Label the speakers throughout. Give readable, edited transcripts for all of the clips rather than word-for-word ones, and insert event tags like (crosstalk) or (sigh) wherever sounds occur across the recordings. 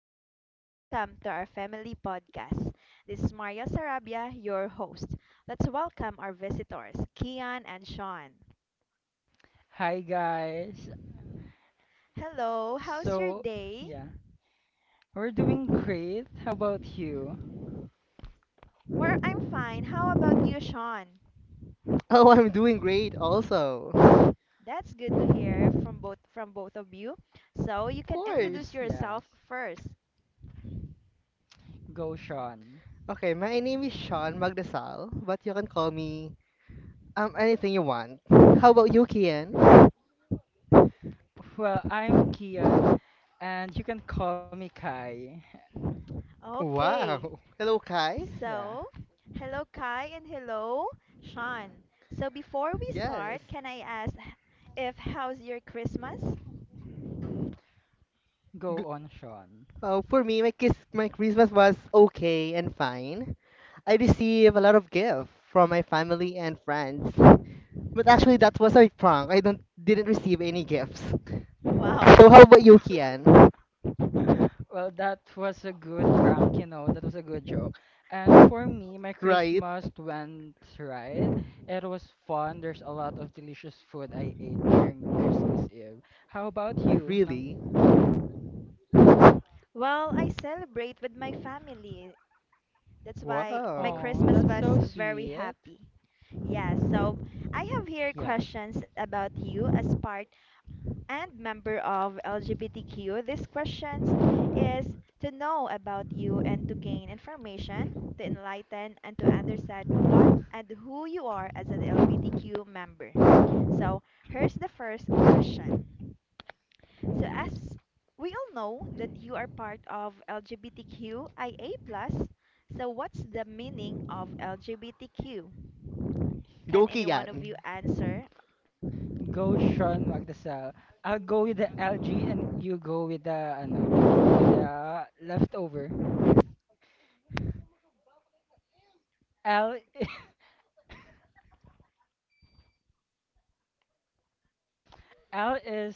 Speaker 1: afternoon. Welcome to our family podcast. This is Maria Sarabia, your host. Let's welcome our visitors, Kian and Sean.
Speaker 2: Hi guys.
Speaker 1: Hello, how's your
Speaker 2: So,
Speaker 1: day?
Speaker 2: yeah, we're doing great. How about you?
Speaker 1: Well, I'm fine. How about you, Sean?
Speaker 3: Oh, I'm doing great also. Of
Speaker 1: That's good to hear from both of you. So you can
Speaker 2: Mm,
Speaker 1: introduce
Speaker 3: course.
Speaker 2: yes.
Speaker 1: yourself first.
Speaker 2: Go Sean.
Speaker 3: Okay, my name is Sean Magdasal, but you can call me anything you want. How about you, Kian?
Speaker 2: Well, I'm Kian and you can call me Kai. (laughs)
Speaker 1: Okay.
Speaker 3: Wow. (laughs) Hello, Kai.
Speaker 2: Yeah.
Speaker 1: So, hello Kai and hello Sean. So before we
Speaker 3: Yes.
Speaker 1: start, can I ask if how's your Christmas?
Speaker 2: Go
Speaker 3: G-
Speaker 2: on, Sean.
Speaker 3: for me, my Christmas was okay and fine. I received a lot of gifts from my family and friends, but actually that was a prank. I don't didn't receive any gifts.
Speaker 1: Wow.
Speaker 3: So how about you, Kian?
Speaker 2: Well, that was a good prank, That was a good joke. And for me, my
Speaker 3: Right?
Speaker 2: Christmas went right. It was fun. There's a lot of delicious food I ate during Christmas Eve. How about you? Nang-
Speaker 3: Really?
Speaker 1: Well, I celebrate with my family. That's why my
Speaker 3: Wow.
Speaker 2: Oh,
Speaker 1: Christmas
Speaker 2: that's
Speaker 1: was
Speaker 2: so
Speaker 1: very
Speaker 2: sweet.
Speaker 1: happy. Yeah, so I have here
Speaker 2: Yeah.
Speaker 1: questions about you as part and member of LGBTQ. These questions is to know about you and to gain information, to enlighten and to understand what and who you are as an LGBTQ member. So, here's the first question. So, as we all know that you are part of LGBTQIA+, so what's the meaning of LGBTQ? Can
Speaker 3: Yuki
Speaker 1: any one of
Speaker 3: Yan.
Speaker 1: you answer?
Speaker 2: Go Sean Magdasal. I'll go with the LG and you go with the ano, with the leftover. L. (laughs) L is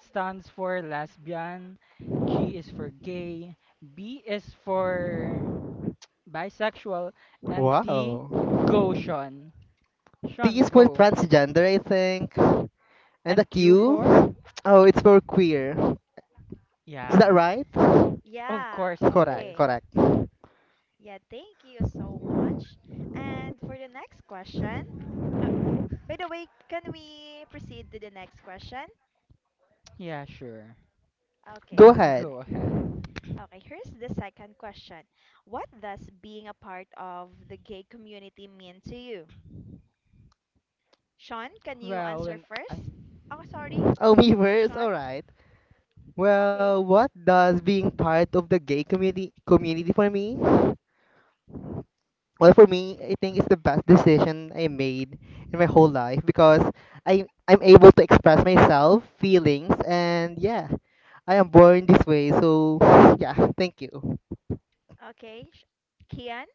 Speaker 2: stands for lesbian, G is for gay, B is for bisexual, and
Speaker 3: Wow.
Speaker 2: T, go Sean.
Speaker 3: T is
Speaker 2: Sean
Speaker 3: Peaceful
Speaker 2: go.
Speaker 3: transgender, I think. And the
Speaker 2: And Q for?
Speaker 1: And
Speaker 3: Q? Oh, it's for queer. Is
Speaker 2: Yeah.
Speaker 3: that right?
Speaker 2: Of
Speaker 1: yeah,
Speaker 2: course it
Speaker 3: Correct,
Speaker 2: is.
Speaker 1: okay.
Speaker 3: correct.
Speaker 1: Yeah, thank you so much. And for the next question, uh, by the way, can we proceed to the next question?
Speaker 2: Yeah, sure.
Speaker 3: Go
Speaker 1: Okay,
Speaker 3: ahead.
Speaker 1: okay.
Speaker 2: Go ahead.
Speaker 1: Okay, here's the second question. What does being a part of the gay community mean to you? Sean, can you
Speaker 2: Well,
Speaker 1: answer
Speaker 2: when I
Speaker 1: first? Oh, sorry.
Speaker 3: Oh, (laughs) me first.
Speaker 1: Sean?
Speaker 3: All right. Well,
Speaker 1: Okay,
Speaker 3: what does being part of the gay community for me? Well, for me, I think it's the best decision I made in my whole life because I'm able to express myself feelings, and yeah, I am born this way. So (sighs) yeah, thank you.
Speaker 1: okay. Kian?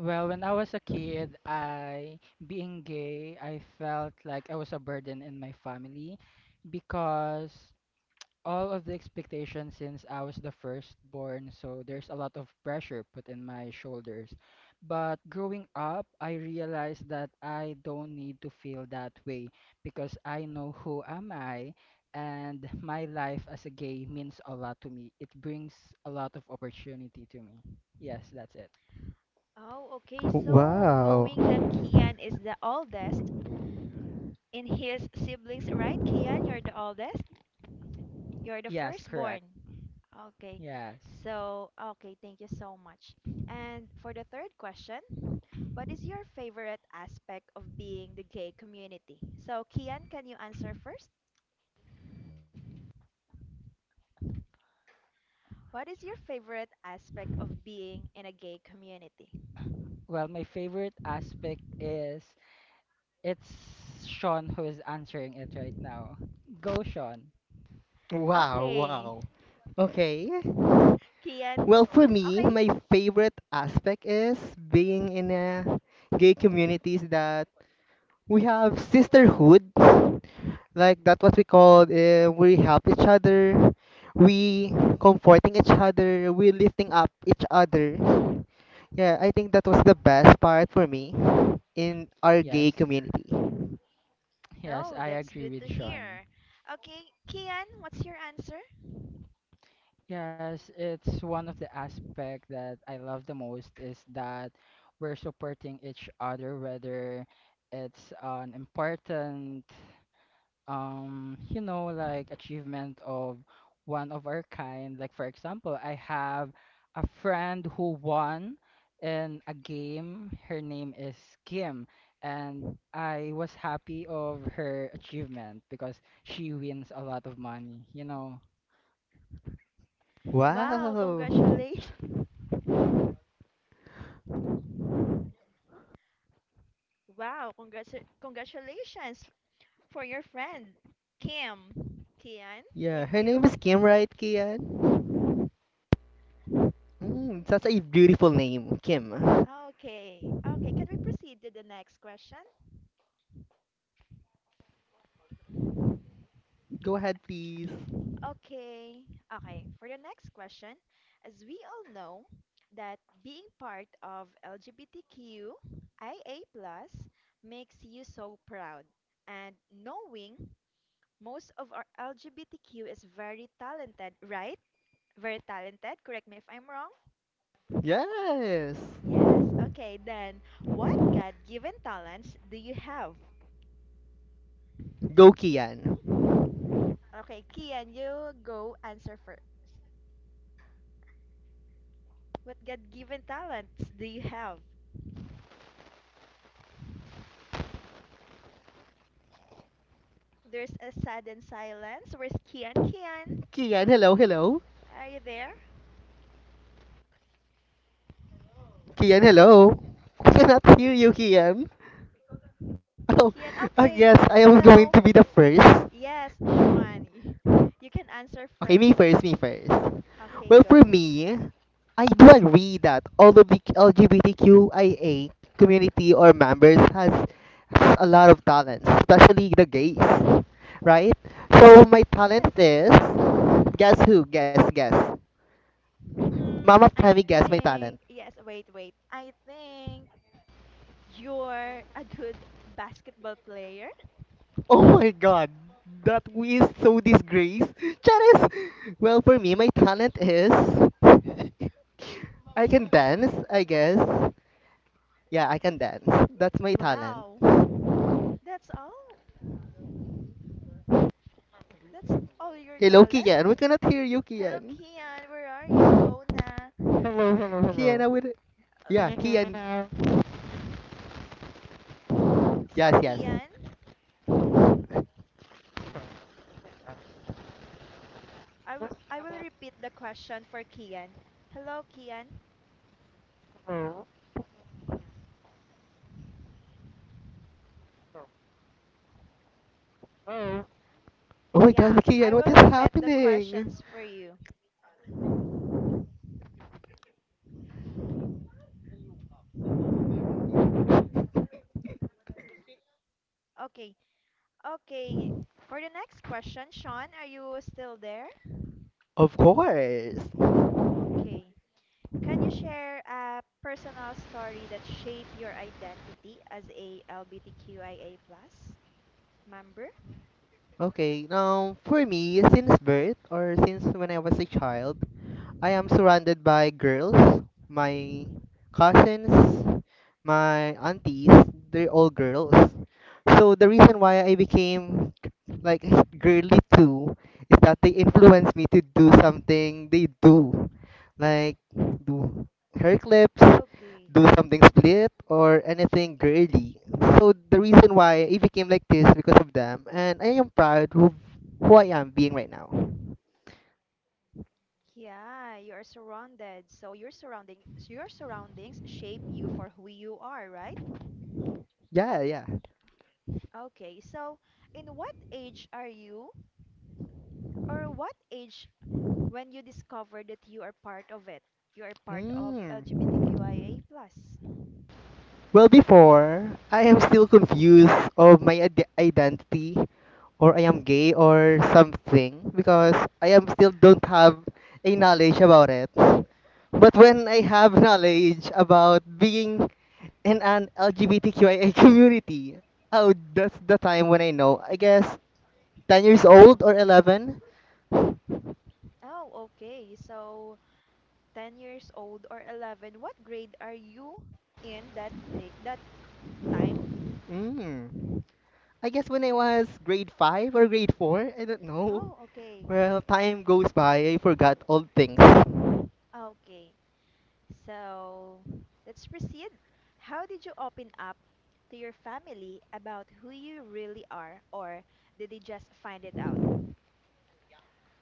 Speaker 2: Well, when I was a kid, I, being gay, I felt like I was a burden in my family because all of the expectations since I was the firstborn, so there's a lot of pressure put in my shoulders. But growing up, I realized that I don't need to feel that way because I know who am I and my life as a gay means a lot to me. It brings a lot of opportunity to me. Yes, that's it.
Speaker 1: Oh, okay. So,
Speaker 3: Wow,
Speaker 1: knowing that Kian is the oldest in his siblings, right? Kian, you're the oldest? You're the
Speaker 2: Yes,
Speaker 1: firstborn.
Speaker 2: correct.
Speaker 1: Okay.
Speaker 2: Yes.
Speaker 1: So, okay, thank you so much. And for the third question, what is your favorite aspect of being the gay community? So, Kian, can you answer first? What is your favorite aspect of being in a gay community?
Speaker 2: Well, my favorite aspect is it's Sean who is answering it right now. Go, Sean.
Speaker 3: wow.
Speaker 1: Okay,
Speaker 3: Wow. Okay,
Speaker 1: Kian.
Speaker 3: well, for me,
Speaker 1: Okay.
Speaker 3: my favorite aspect is being in a gay communities, that we have sisterhood, like that what we call, we help each other, we comforting each other, we lifting up each other. Yeah, I think that was the best part for me in our gay
Speaker 2: Yes.
Speaker 3: community.
Speaker 2: Yes,
Speaker 1: Oh,
Speaker 2: I
Speaker 1: that's
Speaker 2: agree
Speaker 1: good to
Speaker 2: with Sean.
Speaker 1: hear. Okay, Kian, what's your answer?
Speaker 2: Yes, it's one of the aspect that I love the most is that we're supporting each other, whether it's an important like achievement of one of our kind, like for example I have a friend who won in a game. Her name is Kim, and I was happy of her achievement because she wins a lot of money.
Speaker 1: Wow,
Speaker 3: Wow.
Speaker 1: congratulations. (laughs) Wow, congrats congratulations for your friend, Kim. Kian,
Speaker 3: Yeah,
Speaker 1: thank
Speaker 3: her
Speaker 1: you.
Speaker 3: name is Kim, right, Kian? Mm, such a beautiful name, Kim.
Speaker 1: Okay, okay. Can we proceed to the next question?
Speaker 3: Go ahead, please.
Speaker 1: Okay, okay. For the next question, as we all know that being part of LGBTQIA plus makes you so proud, and knowing most of our LGBTQ is very talented, right? Very talented. Correct me if I'm wrong.
Speaker 3: Yes.
Speaker 1: Yes. Okay, then what God-given talents do you have?
Speaker 3: Go, Kian.
Speaker 1: Okay, Kian, you go answer first. What God given talents do you have? There's a sudden silence. Where's Kian? Kian,
Speaker 3: Kian, hello, hello.
Speaker 1: are you there?
Speaker 3: Kian, hello. We cannot hear you, Kian. Oh,
Speaker 1: Kian,
Speaker 3: I
Speaker 1: okay.
Speaker 3: guess I am going
Speaker 1: So,
Speaker 3: to be the first.
Speaker 1: yes, Sean, (laughs) you can answer
Speaker 3: Okay, me
Speaker 1: first.
Speaker 3: first, me first.
Speaker 1: Okay,
Speaker 3: Well, for
Speaker 1: go.
Speaker 3: me, I do agree that all of the LGBTQIA community or has a lot of talents, especially the gays, right? So my talent
Speaker 1: Yes.
Speaker 3: is, guess who? Guess, guess. Mama
Speaker 1: Mm, I
Speaker 3: Femi, guess my
Speaker 1: think,
Speaker 3: talent.
Speaker 1: yes, wait, wait. I think you're a good basketball player.
Speaker 3: Oh my god, that we is so disgrace. Charis! Well, for me, my talent is. (laughs) I can dance, I guess. Yeah, I can dance. That's my talent.
Speaker 1: Wow. That's all? That's all your
Speaker 3: Hello,
Speaker 1: talent?
Speaker 3: Kian.
Speaker 2: Hello.
Speaker 3: We cannot hear you,
Speaker 1: Hello,
Speaker 3: Kian.
Speaker 1: Kian. Where are you? Go na.
Speaker 2: Hello,
Speaker 3: Kian,
Speaker 2: hello.
Speaker 3: I would.
Speaker 2: Can
Speaker 3: Yeah,
Speaker 1: Go.
Speaker 2: you hear me
Speaker 3: Kian.
Speaker 2: now?
Speaker 1: So,
Speaker 3: Yes, yes.
Speaker 1: Kian,
Speaker 3: Oh
Speaker 1: I will repeat the question for Kian. Hello, Kian.
Speaker 2: Hello. Hello.
Speaker 3: my god,
Speaker 1: Yeah, I
Speaker 3: Kian, what is
Speaker 1: will repeat the
Speaker 3: happening?
Speaker 1: questions for you. Okay. Okay. For the next question, Sean, are you still there?
Speaker 3: Of course.
Speaker 1: Okay. Can you share a personal story that shaped your identity as a LGBTQIA plus member?
Speaker 3: Okay, now for me, since birth or since when I was a child, I am surrounded by girls. My cousins, my aunties, they're all girls. So the reason why I became like (laughs) girly too is that they influence me to do something they do. Like do hair clips,
Speaker 1: Okay.
Speaker 3: do something split or anything girly. So the reason why I
Speaker 1: Mm.
Speaker 3: became like this because of them, and I am proud of who I am being right now.
Speaker 1: Yeah, you are surrounded. So your surrounding your surroundings shape you for who you are, right?
Speaker 3: Yeah, yeah.
Speaker 1: Okay, so in what age are you or what age when you discover that you are part of it? You are part of
Speaker 3: Mm.
Speaker 1: LGBTQIA plus.
Speaker 3: Well, before, I am still confused of my ide- identity, or I am gay or something, because I am still don't have a knowledge about it. But when I have knowledge about being in an LGBTQIA (laughs) community, oh, that's the time when I know. I guess 10 years old or 11.
Speaker 1: Oh, okay. So 10 years old or 11, what grade are you in that day that time?
Speaker 3: Mm. I guess when I was grade 5 or grade 4, I don't know.
Speaker 1: Oh, okay.
Speaker 3: Well, time goes by, I forgot all things.
Speaker 1: Okay. So let's proceed. How did you open up to your family about who you really are, or did they just find it out?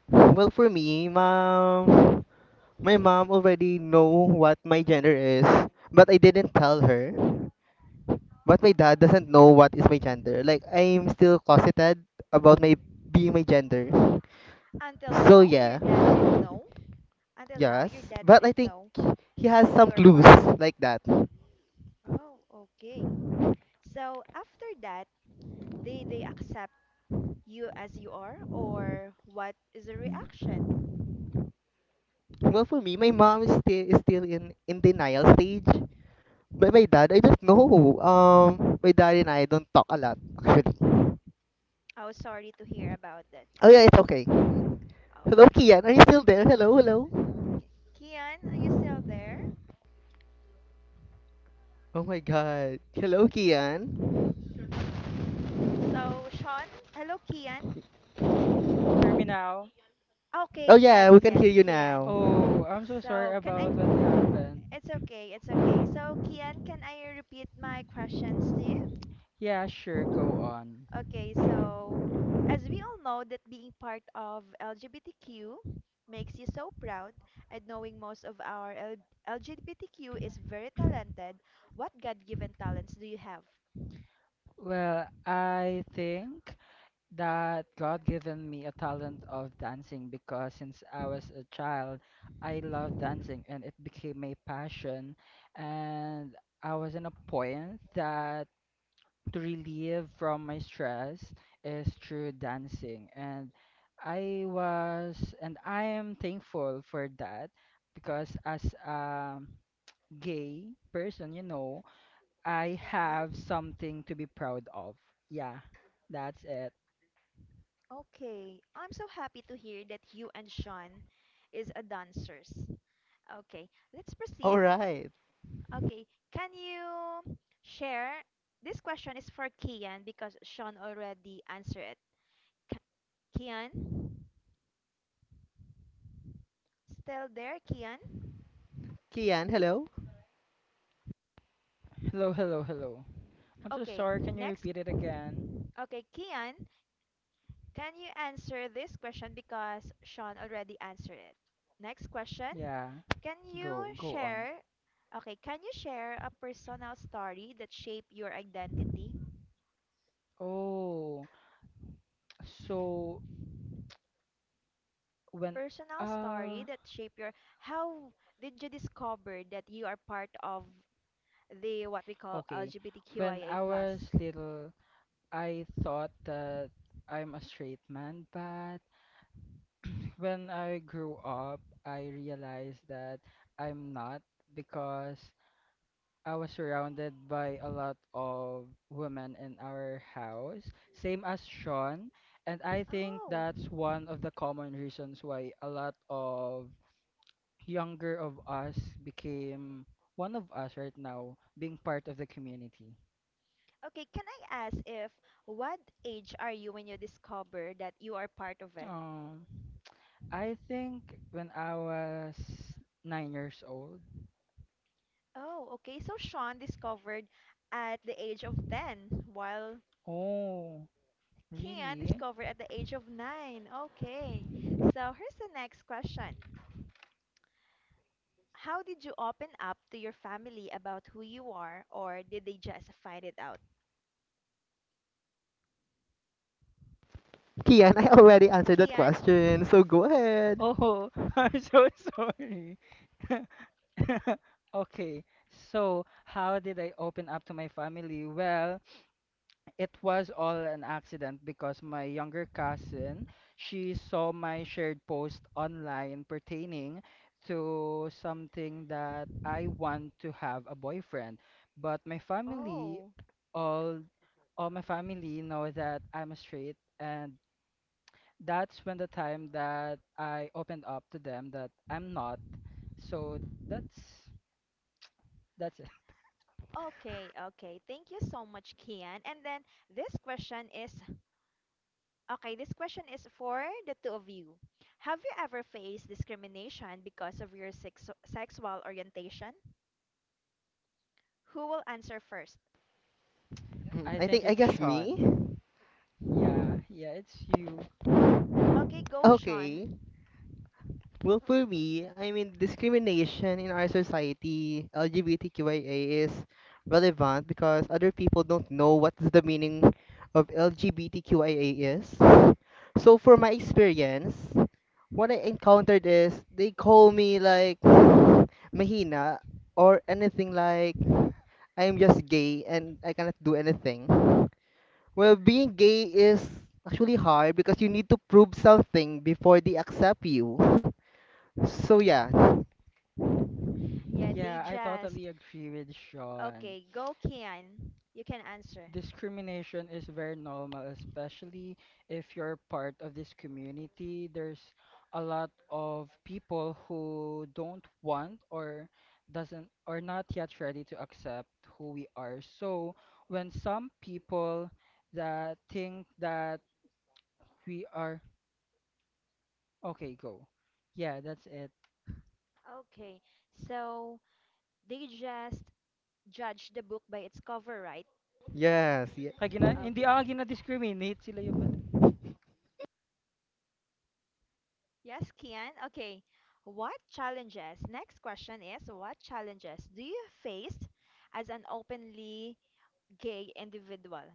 Speaker 3: Well, for me, my mom already know what my gender is, but I didn't tell her. But my dad doesn't know what is my gender. Like I'm still closeted about my being my gender.
Speaker 1: Until
Speaker 3: So
Speaker 1: now, your
Speaker 3: yeah,
Speaker 1: dad didn't know. Until now,
Speaker 3: yes.
Speaker 1: your dad
Speaker 3: But I
Speaker 1: didn't
Speaker 3: think
Speaker 1: know
Speaker 3: he has
Speaker 1: that you
Speaker 3: some
Speaker 1: are
Speaker 3: clues
Speaker 1: part of.
Speaker 3: like that.
Speaker 1: Oh, okay. So after that, they accept you as you are, or what is the reaction?
Speaker 3: Well, for me, my mom is still in denial stage. But my dad, I don't know. My dad and I don't talk a lot actually.
Speaker 1: I was sorry to hear about that.
Speaker 3: Oh yeah, it's okay. Hello,
Speaker 1: Okay. Okay.
Speaker 3: Kian. Are you still there? Hello, hello.
Speaker 1: Kian, are you still there?
Speaker 3: Oh my God. Hello, Kian.
Speaker 1: So, Sean, hello, Kian. Okay,
Speaker 3: Oh yeah,
Speaker 1: yes,
Speaker 3: we can hear
Speaker 1: yes,
Speaker 3: you
Speaker 1: Kian.
Speaker 3: now.
Speaker 2: Oh, I'm so sorry
Speaker 1: So, can I?
Speaker 2: about what happened.
Speaker 1: It's okay, it's okay. So, Kian, can I repeat my questions to you?
Speaker 2: Yeah, sure, go on.
Speaker 1: Okay, so as we all know that being part of LGBTQ makes you so proud, and knowing most of our L LGBTQ is very talented, what God-given talents do you have?
Speaker 2: Well, I think that God given me a talent of dancing because since I was a child, I loved dancing and it became my passion. And I was in a point that to relieve from my stress is through dancing. And I am thankful for that because as a gay person, I have
Speaker 1: Yeah.
Speaker 2: something to be proud of. Yeah, that's it.
Speaker 1: Okay, I'm so happy to hear that you and Sean is a dancers. Okay, let's
Speaker 3: All
Speaker 1: proceed.
Speaker 3: right.
Speaker 1: Okay, can you share? This question is for Kian because Sean already answered it. K- Kian? Still there, Kian?
Speaker 3: Kian, hello.
Speaker 2: (laughs) Hello, hello, hello. I'm so
Speaker 1: Okay,
Speaker 2: sorry. Can you
Speaker 1: next.
Speaker 2: repeat it again?
Speaker 1: Okay, Kian, can you answer this question because Sean already answered it? Next question.
Speaker 2: Yeah,
Speaker 1: Can you
Speaker 2: go on.
Speaker 1: share? Okay, can you share a personal story that shaped your identity?
Speaker 2: Oh, so when,
Speaker 1: Personal
Speaker 2: uh,
Speaker 1: story that shaped your. How did you discover that you are part of the what we call
Speaker 2: okay, when
Speaker 1: LGBTQIA
Speaker 2: I
Speaker 1: plus?
Speaker 2: was little, I thought that I'm a straight man, but when I grew up, I realized that I'm not because I was surrounded by a lot of women in our house, same as Sean. And I think
Speaker 1: Oh,
Speaker 2: that's one of the common reasons why a lot of younger of us became one of us right now, being part of the community.
Speaker 1: okay. Can I ask if what age are you when you discover that you are part of it?
Speaker 2: Um, I think when I was 9 years old.
Speaker 1: Oh, okay. So Sean discovered at the age of 10, while
Speaker 2: Oh,
Speaker 1: Kian
Speaker 2: really?
Speaker 1: discovered at the age of 9. Okay. So here's the next question. How did you open up to your family about who you are, or did they just find it out?
Speaker 3: Kian, I already answered that
Speaker 1: Kian?
Speaker 3: question, so go ahead.
Speaker 2: Oh, (laughs) I'm so sorry. (laughs) (laughs) Okay, so how did I open up to my family? Well, it was all an accident because my younger cousin, she saw my shared post online pertaining to something that I want to have a boyfriend. But my family,
Speaker 1: Oh.
Speaker 2: all all my family know that I'm straight, and that's when the time that I opened up to them that I'm not. So that's
Speaker 1: Okay, okay. Thank you so much, Kian. And then this question is okay, this question is for the two of you. Have you ever faced discrimination because of your sexual orientation? Who will answer first?
Speaker 3: Mm,
Speaker 2: I
Speaker 3: I
Speaker 2: think
Speaker 3: think I
Speaker 2: it's
Speaker 3: guess me.
Speaker 2: Sean. Yeah, yeah, it's you.
Speaker 1: Okay, go, Sean.
Speaker 3: Okay. Well, for me, I mean, discrimination in our society, LGBTQIA, is relevant because other people don't know what's the meaning of LGBTQIA is. So, for my experience, what I encountered is they call me like mahina or anything like I'm just gay and I cannot do anything. Well, being gay is actually hard because you need to prove something before they accept you. So yeah,
Speaker 1: Yeah, they
Speaker 2: Yeah, I
Speaker 1: just.
Speaker 2: totally agree with Sean.
Speaker 1: Okay, go, Kian. You can answer.
Speaker 2: Discrimination is very normal, especially if you're part of this community. There's a lot of people who don't want or doesn't or not yet ready to accept who we are. So when some people that think that we are okay, go. Yeah, that's it.
Speaker 1: Okay, so they just judge the book by its cover, right?
Speaker 3: yes, yeah.
Speaker 2: Kaya gina, hindi
Speaker 1: Okay.
Speaker 2: ako gina-discriminate sila yung.
Speaker 1: Yes, Kian. Okay. What challenges? Next question is what challenges do you face as an openly gay individual?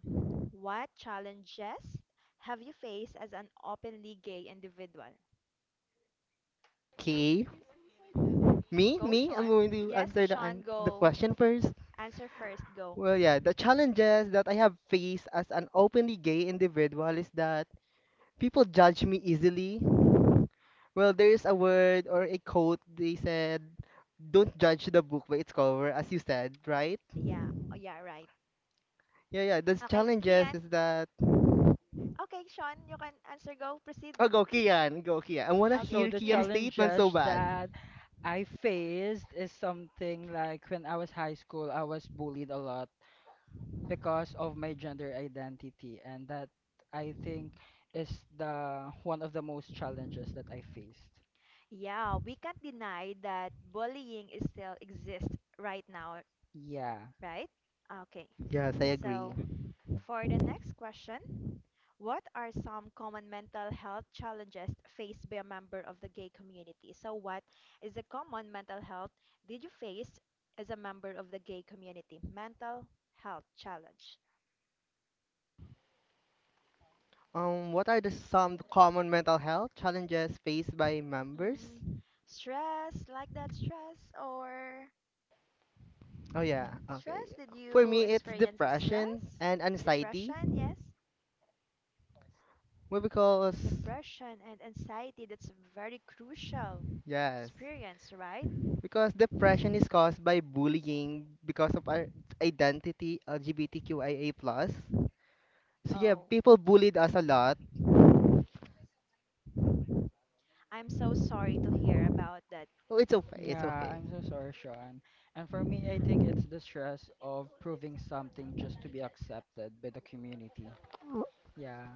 Speaker 1: What challenges have you faced as an openly gay individual?
Speaker 3: Okay,
Speaker 1: Go,
Speaker 3: I'm
Speaker 1: Sean.
Speaker 3: going to
Speaker 1: Yes,
Speaker 3: answer the an
Speaker 1: Sean,
Speaker 3: the
Speaker 1: go.
Speaker 3: question first.
Speaker 1: Answer first, go.
Speaker 3: Well, yeah, the challenges that I have faced as an openly gay individual is that people judge me easily. Well, there is a word or a quote they said, "Don't judge the book by its cover," as you said, right?
Speaker 1: Yeah, yeah, right.
Speaker 3: Yeah, yeah. The
Speaker 1: Okay, Kian.
Speaker 3: challenges is that.
Speaker 1: Okay, Sean, you can answer, go. Proceed.
Speaker 3: Oh, go Kian, go Kian. I wanna
Speaker 2: So
Speaker 1: Okay,
Speaker 3: hear
Speaker 2: the
Speaker 3: Kian's
Speaker 1: Kian.
Speaker 3: statement so
Speaker 2: challenges
Speaker 3: bad.
Speaker 2: that I faced is something like when I was high school, I was bullied a lot because of my gender identity, and that I think is the one of the most challenges that I faced.
Speaker 1: Yeah, we can't deny that bullying is still exists right now
Speaker 2: Yeah.
Speaker 1: right? Okay.
Speaker 3: Yes, I agree.
Speaker 1: So, for the next question, what are some common mental health challenges faced by a member of the gay community? So, what is a common mental health did you face as a member of the gay community? Mental health challenge.
Speaker 3: What are the some common mental health challenges faced by members?
Speaker 1: Mm, stress, like that stress or
Speaker 3: Oh yeah, okay.
Speaker 1: stress? Did
Speaker 3: For
Speaker 1: you
Speaker 3: me, it's
Speaker 1: experience
Speaker 3: depression
Speaker 1: stress?
Speaker 3: and anxiety.
Speaker 1: Depression, yes.
Speaker 3: Well, because
Speaker 1: Depression and anxiety, that's very crucial
Speaker 3: yes,
Speaker 1: experience, right?
Speaker 3: because depression is caused by bullying because of our identity LGBTQIA plus. So yeah,
Speaker 1: Oh,
Speaker 3: people bullied us a lot.
Speaker 1: I'm so sorry to hear about that.
Speaker 3: Oh, it's okay, it's
Speaker 2: Yeah,
Speaker 3: okay.
Speaker 2: I'm so sorry, Sean. And for me, I think it's the stress of proving something just to be accepted by the community.
Speaker 3: Oh
Speaker 2: Yeah.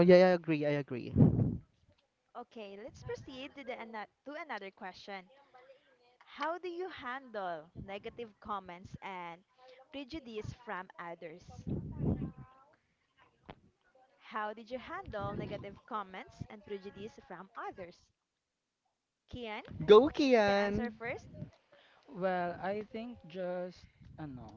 Speaker 3: yeah, I agree, I agree.
Speaker 1: Okay, let's proceed to another question. How do you handle negative comments and prejudice from others? How did you handle negative comments and prejudice from others? Kian,
Speaker 3: Go
Speaker 1: you can answer
Speaker 3: Kian.
Speaker 1: first.
Speaker 2: Well, I think just ano,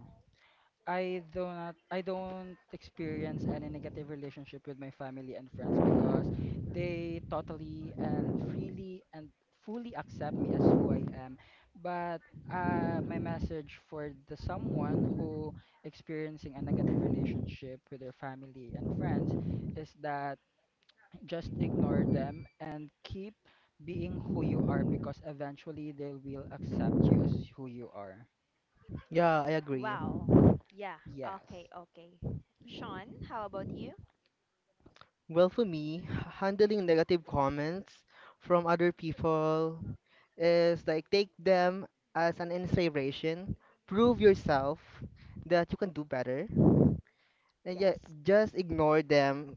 Speaker 2: I do not I don't experience any negative relationship with my family and friends because they totally and freely and fully accept me as who I am. But my message for the someone who experiencing a negative relationship with their family and friends is that just ignore them and keep being who you are because eventually they will accept you as who you are.
Speaker 3: Yeah, I agree.
Speaker 1: Wow. Yeah, okay,
Speaker 2: Yes.
Speaker 1: okay. Sean, how about you?
Speaker 3: Well, for me, handling negative comments from other people is like take them as an inspiration, prove yourself that you can do better, and yet
Speaker 1: Yes.
Speaker 3: just ignore them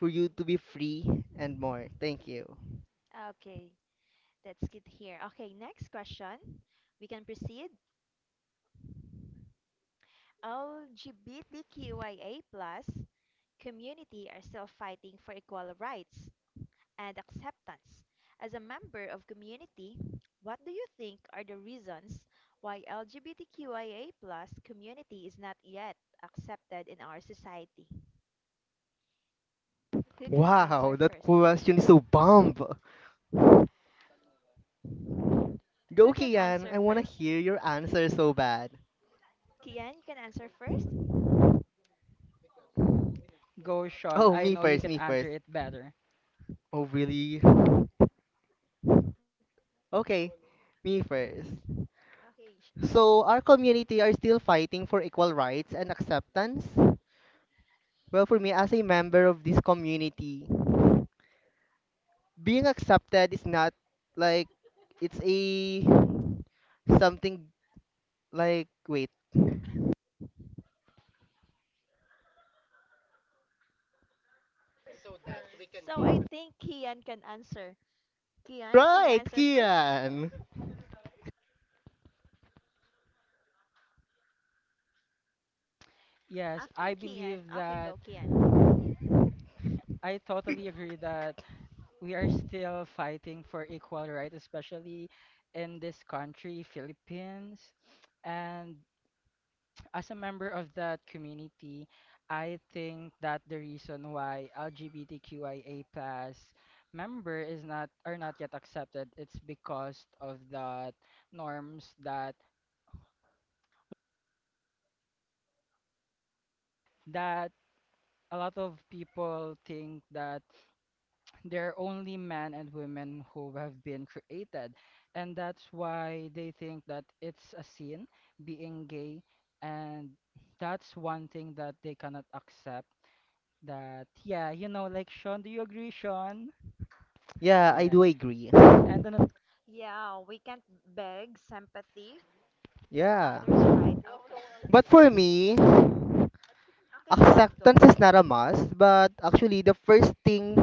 Speaker 3: for you to be free and more. Thank you.
Speaker 1: Okay, that's good here. Okay, next question. We can proceed. LGBTQIA plus community are still fighting for equal rights and acceptance. As a member of community, what do you think are the reasons why LGBTQIA plus community is not yet accepted in our society? Who can answer
Speaker 3: Wow, that
Speaker 1: first?
Speaker 3: question is so bomb.
Speaker 1: Who
Speaker 3: Go,
Speaker 1: can
Speaker 3: Kian.
Speaker 1: answer
Speaker 3: I want to
Speaker 1: first?
Speaker 3: hear your answer so bad.
Speaker 1: Kian, you can answer first?
Speaker 2: Go, Sean.
Speaker 3: Oh,
Speaker 2: I
Speaker 3: me
Speaker 2: know you
Speaker 3: first,
Speaker 2: can
Speaker 3: me first.
Speaker 2: answer it better.
Speaker 3: Oh, really? Okay, me first.
Speaker 1: Okay.
Speaker 3: So, our community are still fighting for equal rights and acceptance. Well, for me, as a member of this community, being accepted is not like it's a something like wait.
Speaker 1: So I
Speaker 3: (laughs)
Speaker 1: think Kian can answer. Kian, can you
Speaker 3: Right,
Speaker 1: answer first?
Speaker 3: Kian.
Speaker 2: Yes,
Speaker 1: After
Speaker 2: I
Speaker 1: Kian,
Speaker 2: believe
Speaker 1: okay,
Speaker 2: that
Speaker 1: go Kian.
Speaker 2: I totally agree that we are still fighting for equal rights, especially in this country, Philippines. And as a member of that community, I think that the reason why LGBTQIA plus member is not are not yet accepted, it's because of the norms that a lot of people think that there are only men and women who have been created, and that's why they think that it's a sin being gay, and that's one thing that they cannot accept. That yeah, you know, like Sean, do you agree, Sean?
Speaker 3: Yeah, I
Speaker 2: Yeah,
Speaker 3: do agree.
Speaker 2: and then
Speaker 1: Yeah, we can't beg sympathy to
Speaker 3: Yeah.
Speaker 1: others, right? Okay.
Speaker 3: But for me,
Speaker 1: Okay, Sean, go.
Speaker 3: acceptance is not a must, but actually the first thing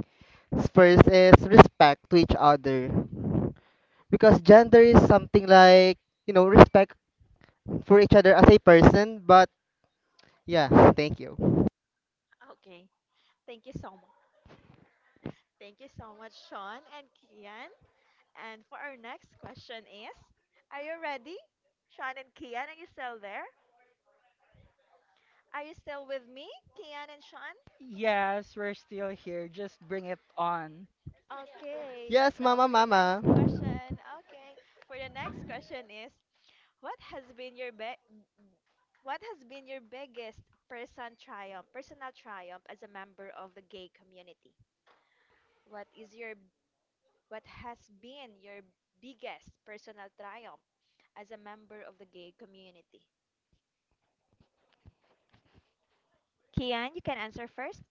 Speaker 3: first is respect to each other. Because gender is something like, you know, respect for each other as a person. But yeah, (laughs) thank you.
Speaker 1: Okay, thank you so much. Thank you so much, Sean and Kian. And for our next question is, are you ready? Sean and Kian, are you still there? Are you still with me, Kian and Sean?
Speaker 2: yes, we're still here. Just bring it on.
Speaker 1: Okay,
Speaker 3: Yes,
Speaker 1: so
Speaker 3: mama,
Speaker 1: for the
Speaker 3: mama.
Speaker 1: next question, okay, for the next question is, what has been what has been your biggest personal triumph as a member of the gay community? What is your what has been your biggest personal triumph as a member of the gay community? Kian, you can answer first.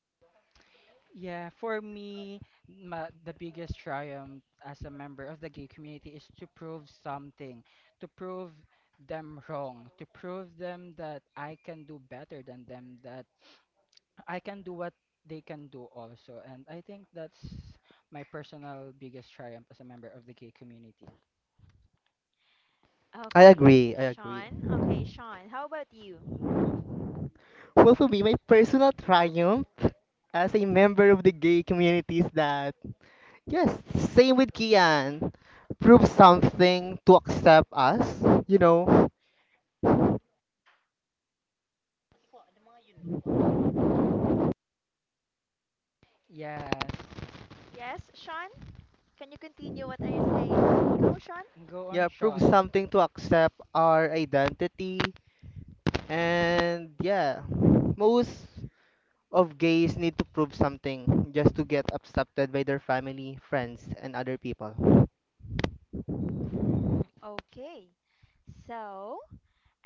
Speaker 2: Yeah, for me, ma the biggest triumph as a member of the gay community is to prove something, to prove them wrong, to prove them that I can do better than them, that I can do what they can do also. And I think that's my personal biggest triumph as a member of the gay community.
Speaker 3: I
Speaker 1: Okay,
Speaker 3: agree, I agree.
Speaker 1: Sean. Okay, Sean. How about you?
Speaker 3: What will be my personal triumph as a member of the gay community is that, yes, same with Kian, prove something to accept us, you know?
Speaker 2: Yes,
Speaker 1: Yes, Sean. Can you continue what are you saying? Go, Sean.
Speaker 2: go on,
Speaker 3: Yeah, prove
Speaker 2: Sean.
Speaker 3: something to accept our identity. And yeah, most of gays need to prove something just to get accepted by their family, friends, and other people.
Speaker 1: Mm, okay. So,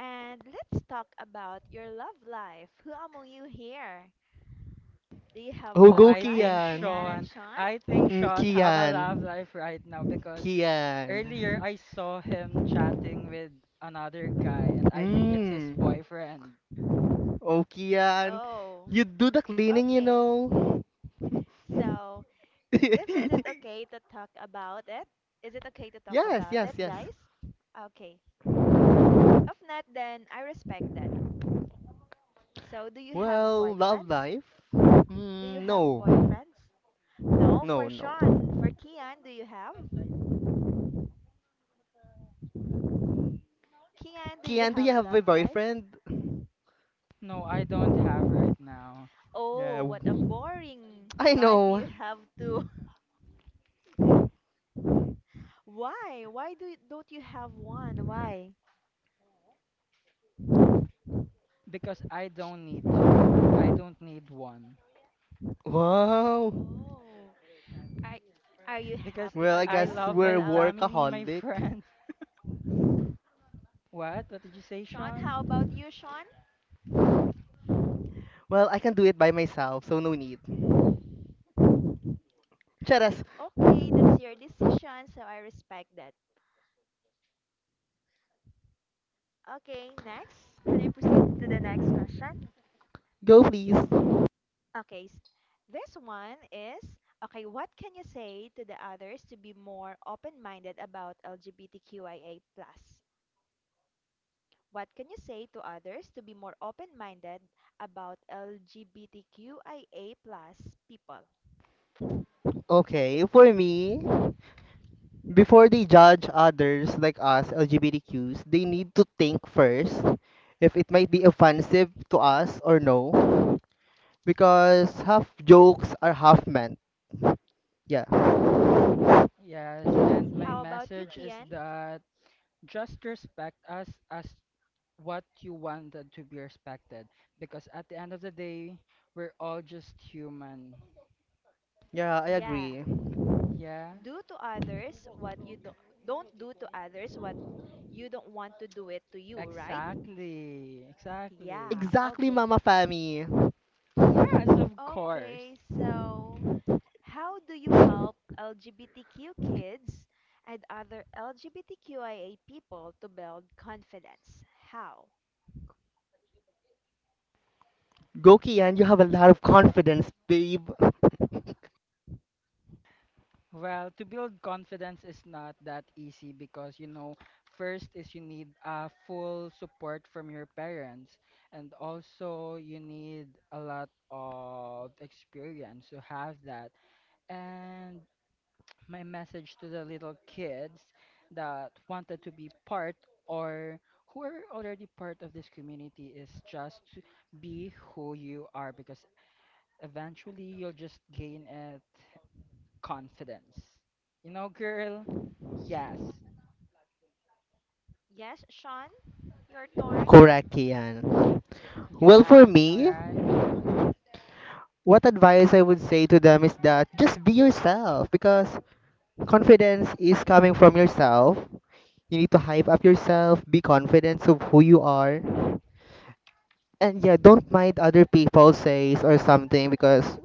Speaker 1: and let's talk about your love life. Who among you here? Do you have
Speaker 3: Oh,
Speaker 2: Oh,
Speaker 3: go
Speaker 1: love
Speaker 2: I
Speaker 1: life,
Speaker 2: think
Speaker 1: Kian and
Speaker 2: Sean,
Speaker 3: Kian!
Speaker 1: Sean?
Speaker 2: I think
Speaker 3: Mm,
Speaker 2: Sean have a love
Speaker 3: Kian!
Speaker 2: life right now because earlier,
Speaker 3: Kian!
Speaker 2: I saw him chatting with another guy, and I think it's his
Speaker 3: Mm.
Speaker 2: boyfriend.
Speaker 3: Oh, Kian!
Speaker 1: Oh,
Speaker 3: You do the cleaning, you
Speaker 1: okay.
Speaker 3: know?
Speaker 1: So, if
Speaker 3: (laughs)
Speaker 1: is it okay to talk about it? Is it okay to talk
Speaker 3: Yes,
Speaker 1: about
Speaker 3: yes,
Speaker 1: it,
Speaker 3: yes.
Speaker 1: guys? Okay. If not, then I respect that. So, do you have
Speaker 3: Well, love
Speaker 1: boyfriends?
Speaker 3: life?
Speaker 1: Do you
Speaker 3: Mm,
Speaker 1: have
Speaker 3: no.
Speaker 1: boyfriends? No,
Speaker 3: No,
Speaker 1: for
Speaker 3: no.
Speaker 1: Sean. For Kian, do you have? Kian, do you
Speaker 3: Kian, do you
Speaker 1: have
Speaker 3: have a
Speaker 1: love life?
Speaker 3: boyfriend?
Speaker 2: No, I don't have right now
Speaker 1: Oh,
Speaker 3: Yeah.
Speaker 1: what a boring
Speaker 3: I
Speaker 1: life
Speaker 3: know.
Speaker 1: you have too. Why? Why do you, don't you have one? Why?
Speaker 2: because I
Speaker 1: Sh-
Speaker 2: don't need to. I don't need one
Speaker 3: Wow.
Speaker 1: oh, are are you
Speaker 2: because
Speaker 1: happy
Speaker 3: Well, I
Speaker 2: I
Speaker 3: guess
Speaker 1: alone
Speaker 2: love
Speaker 3: we're
Speaker 2: my
Speaker 1: without
Speaker 2: family, my
Speaker 3: workaholic.
Speaker 2: friends. (laughs) What? What did you say,
Speaker 1: Sean?
Speaker 2: Sean?
Speaker 1: How about you, Sean?
Speaker 3: Well, I can do it by myself, so no need. Charas,
Speaker 1: Okay, that's your decision, so I respect that. Okay, next. Can we proceed to the next question?
Speaker 3: go please.
Speaker 1: Okay, this one is okay, what can you say to the others to be more open-minded about LGBTQIA plus? What can you say to others to be more open-minded about LGBTQIA+ plus people?
Speaker 3: Okay, for me, before they judge others like us, LGBTQs, they need to think first if it might be offensive to us or no. Because half jokes are half meant. Yeah.
Speaker 2: Yes, and
Speaker 1: Yes.
Speaker 2: my
Speaker 1: How about you,
Speaker 2: message is
Speaker 1: Kian?
Speaker 2: that just respect us as what you wanted to be respected because at the end of the day, we're all just human.
Speaker 3: Yeah, I
Speaker 1: Yeah.
Speaker 3: agree.
Speaker 2: Yeah.
Speaker 1: Do to others what don't do to others what you don't want to do it to you, right?
Speaker 2: Exactly,
Speaker 1: Yeah.
Speaker 2: exactly.
Speaker 3: Exactly,
Speaker 1: Okay.
Speaker 3: Mama Fami.
Speaker 2: Yes, of course.
Speaker 1: Okay. So, how do you help LGBTQ kids and other LGBTQIA people to build confidence? How?
Speaker 3: Go, Kian, you have a lot of confidence, babe. (laughs)
Speaker 2: Well, to build confidence is not that easy because, first is you need full support from your parents, and also you need a lot of experience to have that. And my message to the little kids that wanted to be part or who are already part of this community is just to be who you are because eventually, you'll just gain it confidence. You know, girl? Yes.
Speaker 1: Yes, Sean? You're torn?
Speaker 3: Correct, Kian. Well, for
Speaker 2: Yes, I know,
Speaker 3: me,
Speaker 2: right?
Speaker 3: what advice I would say to them is that just be yourself because confidence is coming from yourself. You need to hype up yourself, be confident of who you are. And yeah, don't mind other people says or something because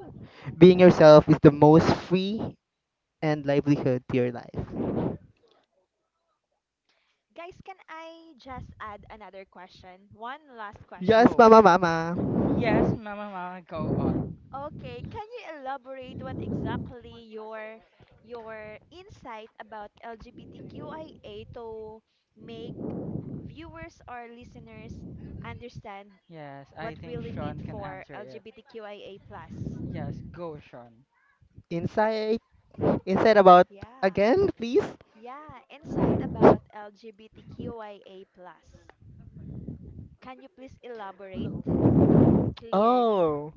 Speaker 3: being yourself is the most free and livelihood to your life.
Speaker 1: Guys, can I just add another question? One last question.
Speaker 3: Yes,
Speaker 2: Go.
Speaker 3: mama, mama.
Speaker 2: Yes, Mama Mama, go on.
Speaker 1: Okay, can you elaborate what exactly your insight about LGBTQIA to make viewers or listeners understand
Speaker 2: Yes, I
Speaker 1: what
Speaker 2: think
Speaker 1: really
Speaker 2: Sean
Speaker 1: meant
Speaker 2: can
Speaker 1: for
Speaker 2: answer it.
Speaker 1: LGBTQIA plus?
Speaker 2: Yes, go, Sean.
Speaker 3: Insight, insight about,
Speaker 1: Yeah.
Speaker 3: again, please.
Speaker 1: Yeah, insight about LGBTQIA plus. Can you please elaborate clearly?
Speaker 3: Oh.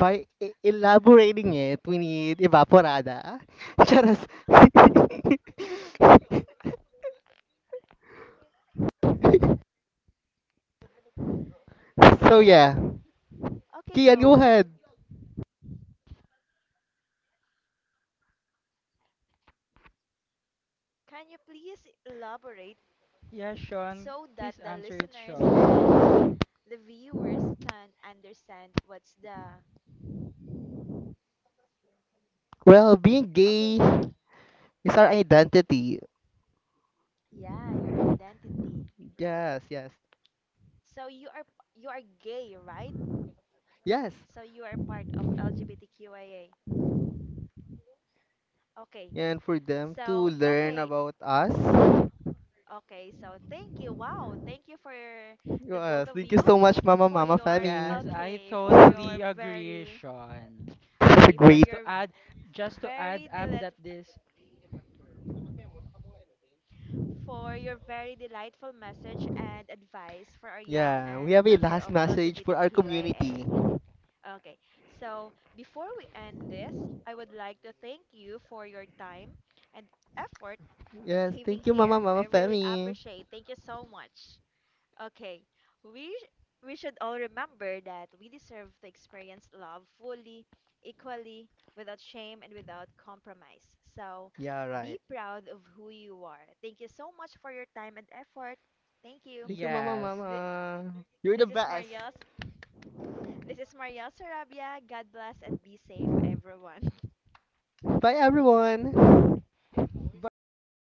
Speaker 3: By elaborating it, we need evaporada. (laughs) Charas. So
Speaker 1: Kian?
Speaker 3: yeah,
Speaker 1: Okay,
Speaker 3: Kian, go
Speaker 1: go.
Speaker 3: ahead.
Speaker 1: Can you please elaborate
Speaker 2: Yes, Sean,
Speaker 1: so that
Speaker 2: please
Speaker 1: the
Speaker 2: answer it,
Speaker 1: listeners
Speaker 2: Sean.
Speaker 1: and the viewers can understand what's the
Speaker 3: Well, being gay
Speaker 1: okay,
Speaker 3: is our identity.
Speaker 1: yeah, your identity.
Speaker 3: Yes, yes,
Speaker 1: So you are gay, right?
Speaker 3: yes.
Speaker 1: So you are part of LGBTQIA. Okay.
Speaker 3: And for them to
Speaker 1: So
Speaker 3: learn
Speaker 1: okay,
Speaker 3: about us.
Speaker 1: okay. So thank you. Wow, thank you for the both
Speaker 3: Yes,
Speaker 1: of
Speaker 3: thank you
Speaker 1: you
Speaker 3: so much, Mama
Speaker 1: for
Speaker 3: Mama
Speaker 1: your
Speaker 3: Fami.
Speaker 2: Yes, I totally agree, Sean.
Speaker 3: That's a
Speaker 1: for
Speaker 3: great.
Speaker 2: Just to
Speaker 1: your
Speaker 2: add, just to add
Speaker 1: very
Speaker 2: up
Speaker 1: delet
Speaker 2: that this,
Speaker 1: for your very delightful message and advice for our young
Speaker 3: Yeah, we
Speaker 1: and
Speaker 3: have a
Speaker 1: member
Speaker 3: last
Speaker 1: of
Speaker 3: message for our community.
Speaker 1: LGBTQIA. Okay, so before we end this, I would like to thank you for your time and effort
Speaker 3: Yes,
Speaker 1: having
Speaker 3: thank you, Mama
Speaker 1: here. I
Speaker 3: Mama
Speaker 1: really
Speaker 3: Femi.
Speaker 1: appreciate. Thank you so much. Okay, we sh- we should all remember that we deserve to experience love fully, equally, without shame and without compromise. So,
Speaker 3: Yeah,
Speaker 1: be
Speaker 3: right.
Speaker 1: proud of who you are. Thank you so much for your time and effort. Thank you.
Speaker 3: Thank you, Mama,
Speaker 2: yes.
Speaker 1: Th-
Speaker 3: Mama. You're the
Speaker 1: this is
Speaker 3: best.
Speaker 1: Mariel. This is Mariel Sarabia. God bless and be safe, everyone.
Speaker 3: Bye, everyone.
Speaker 2: Bye, everyone.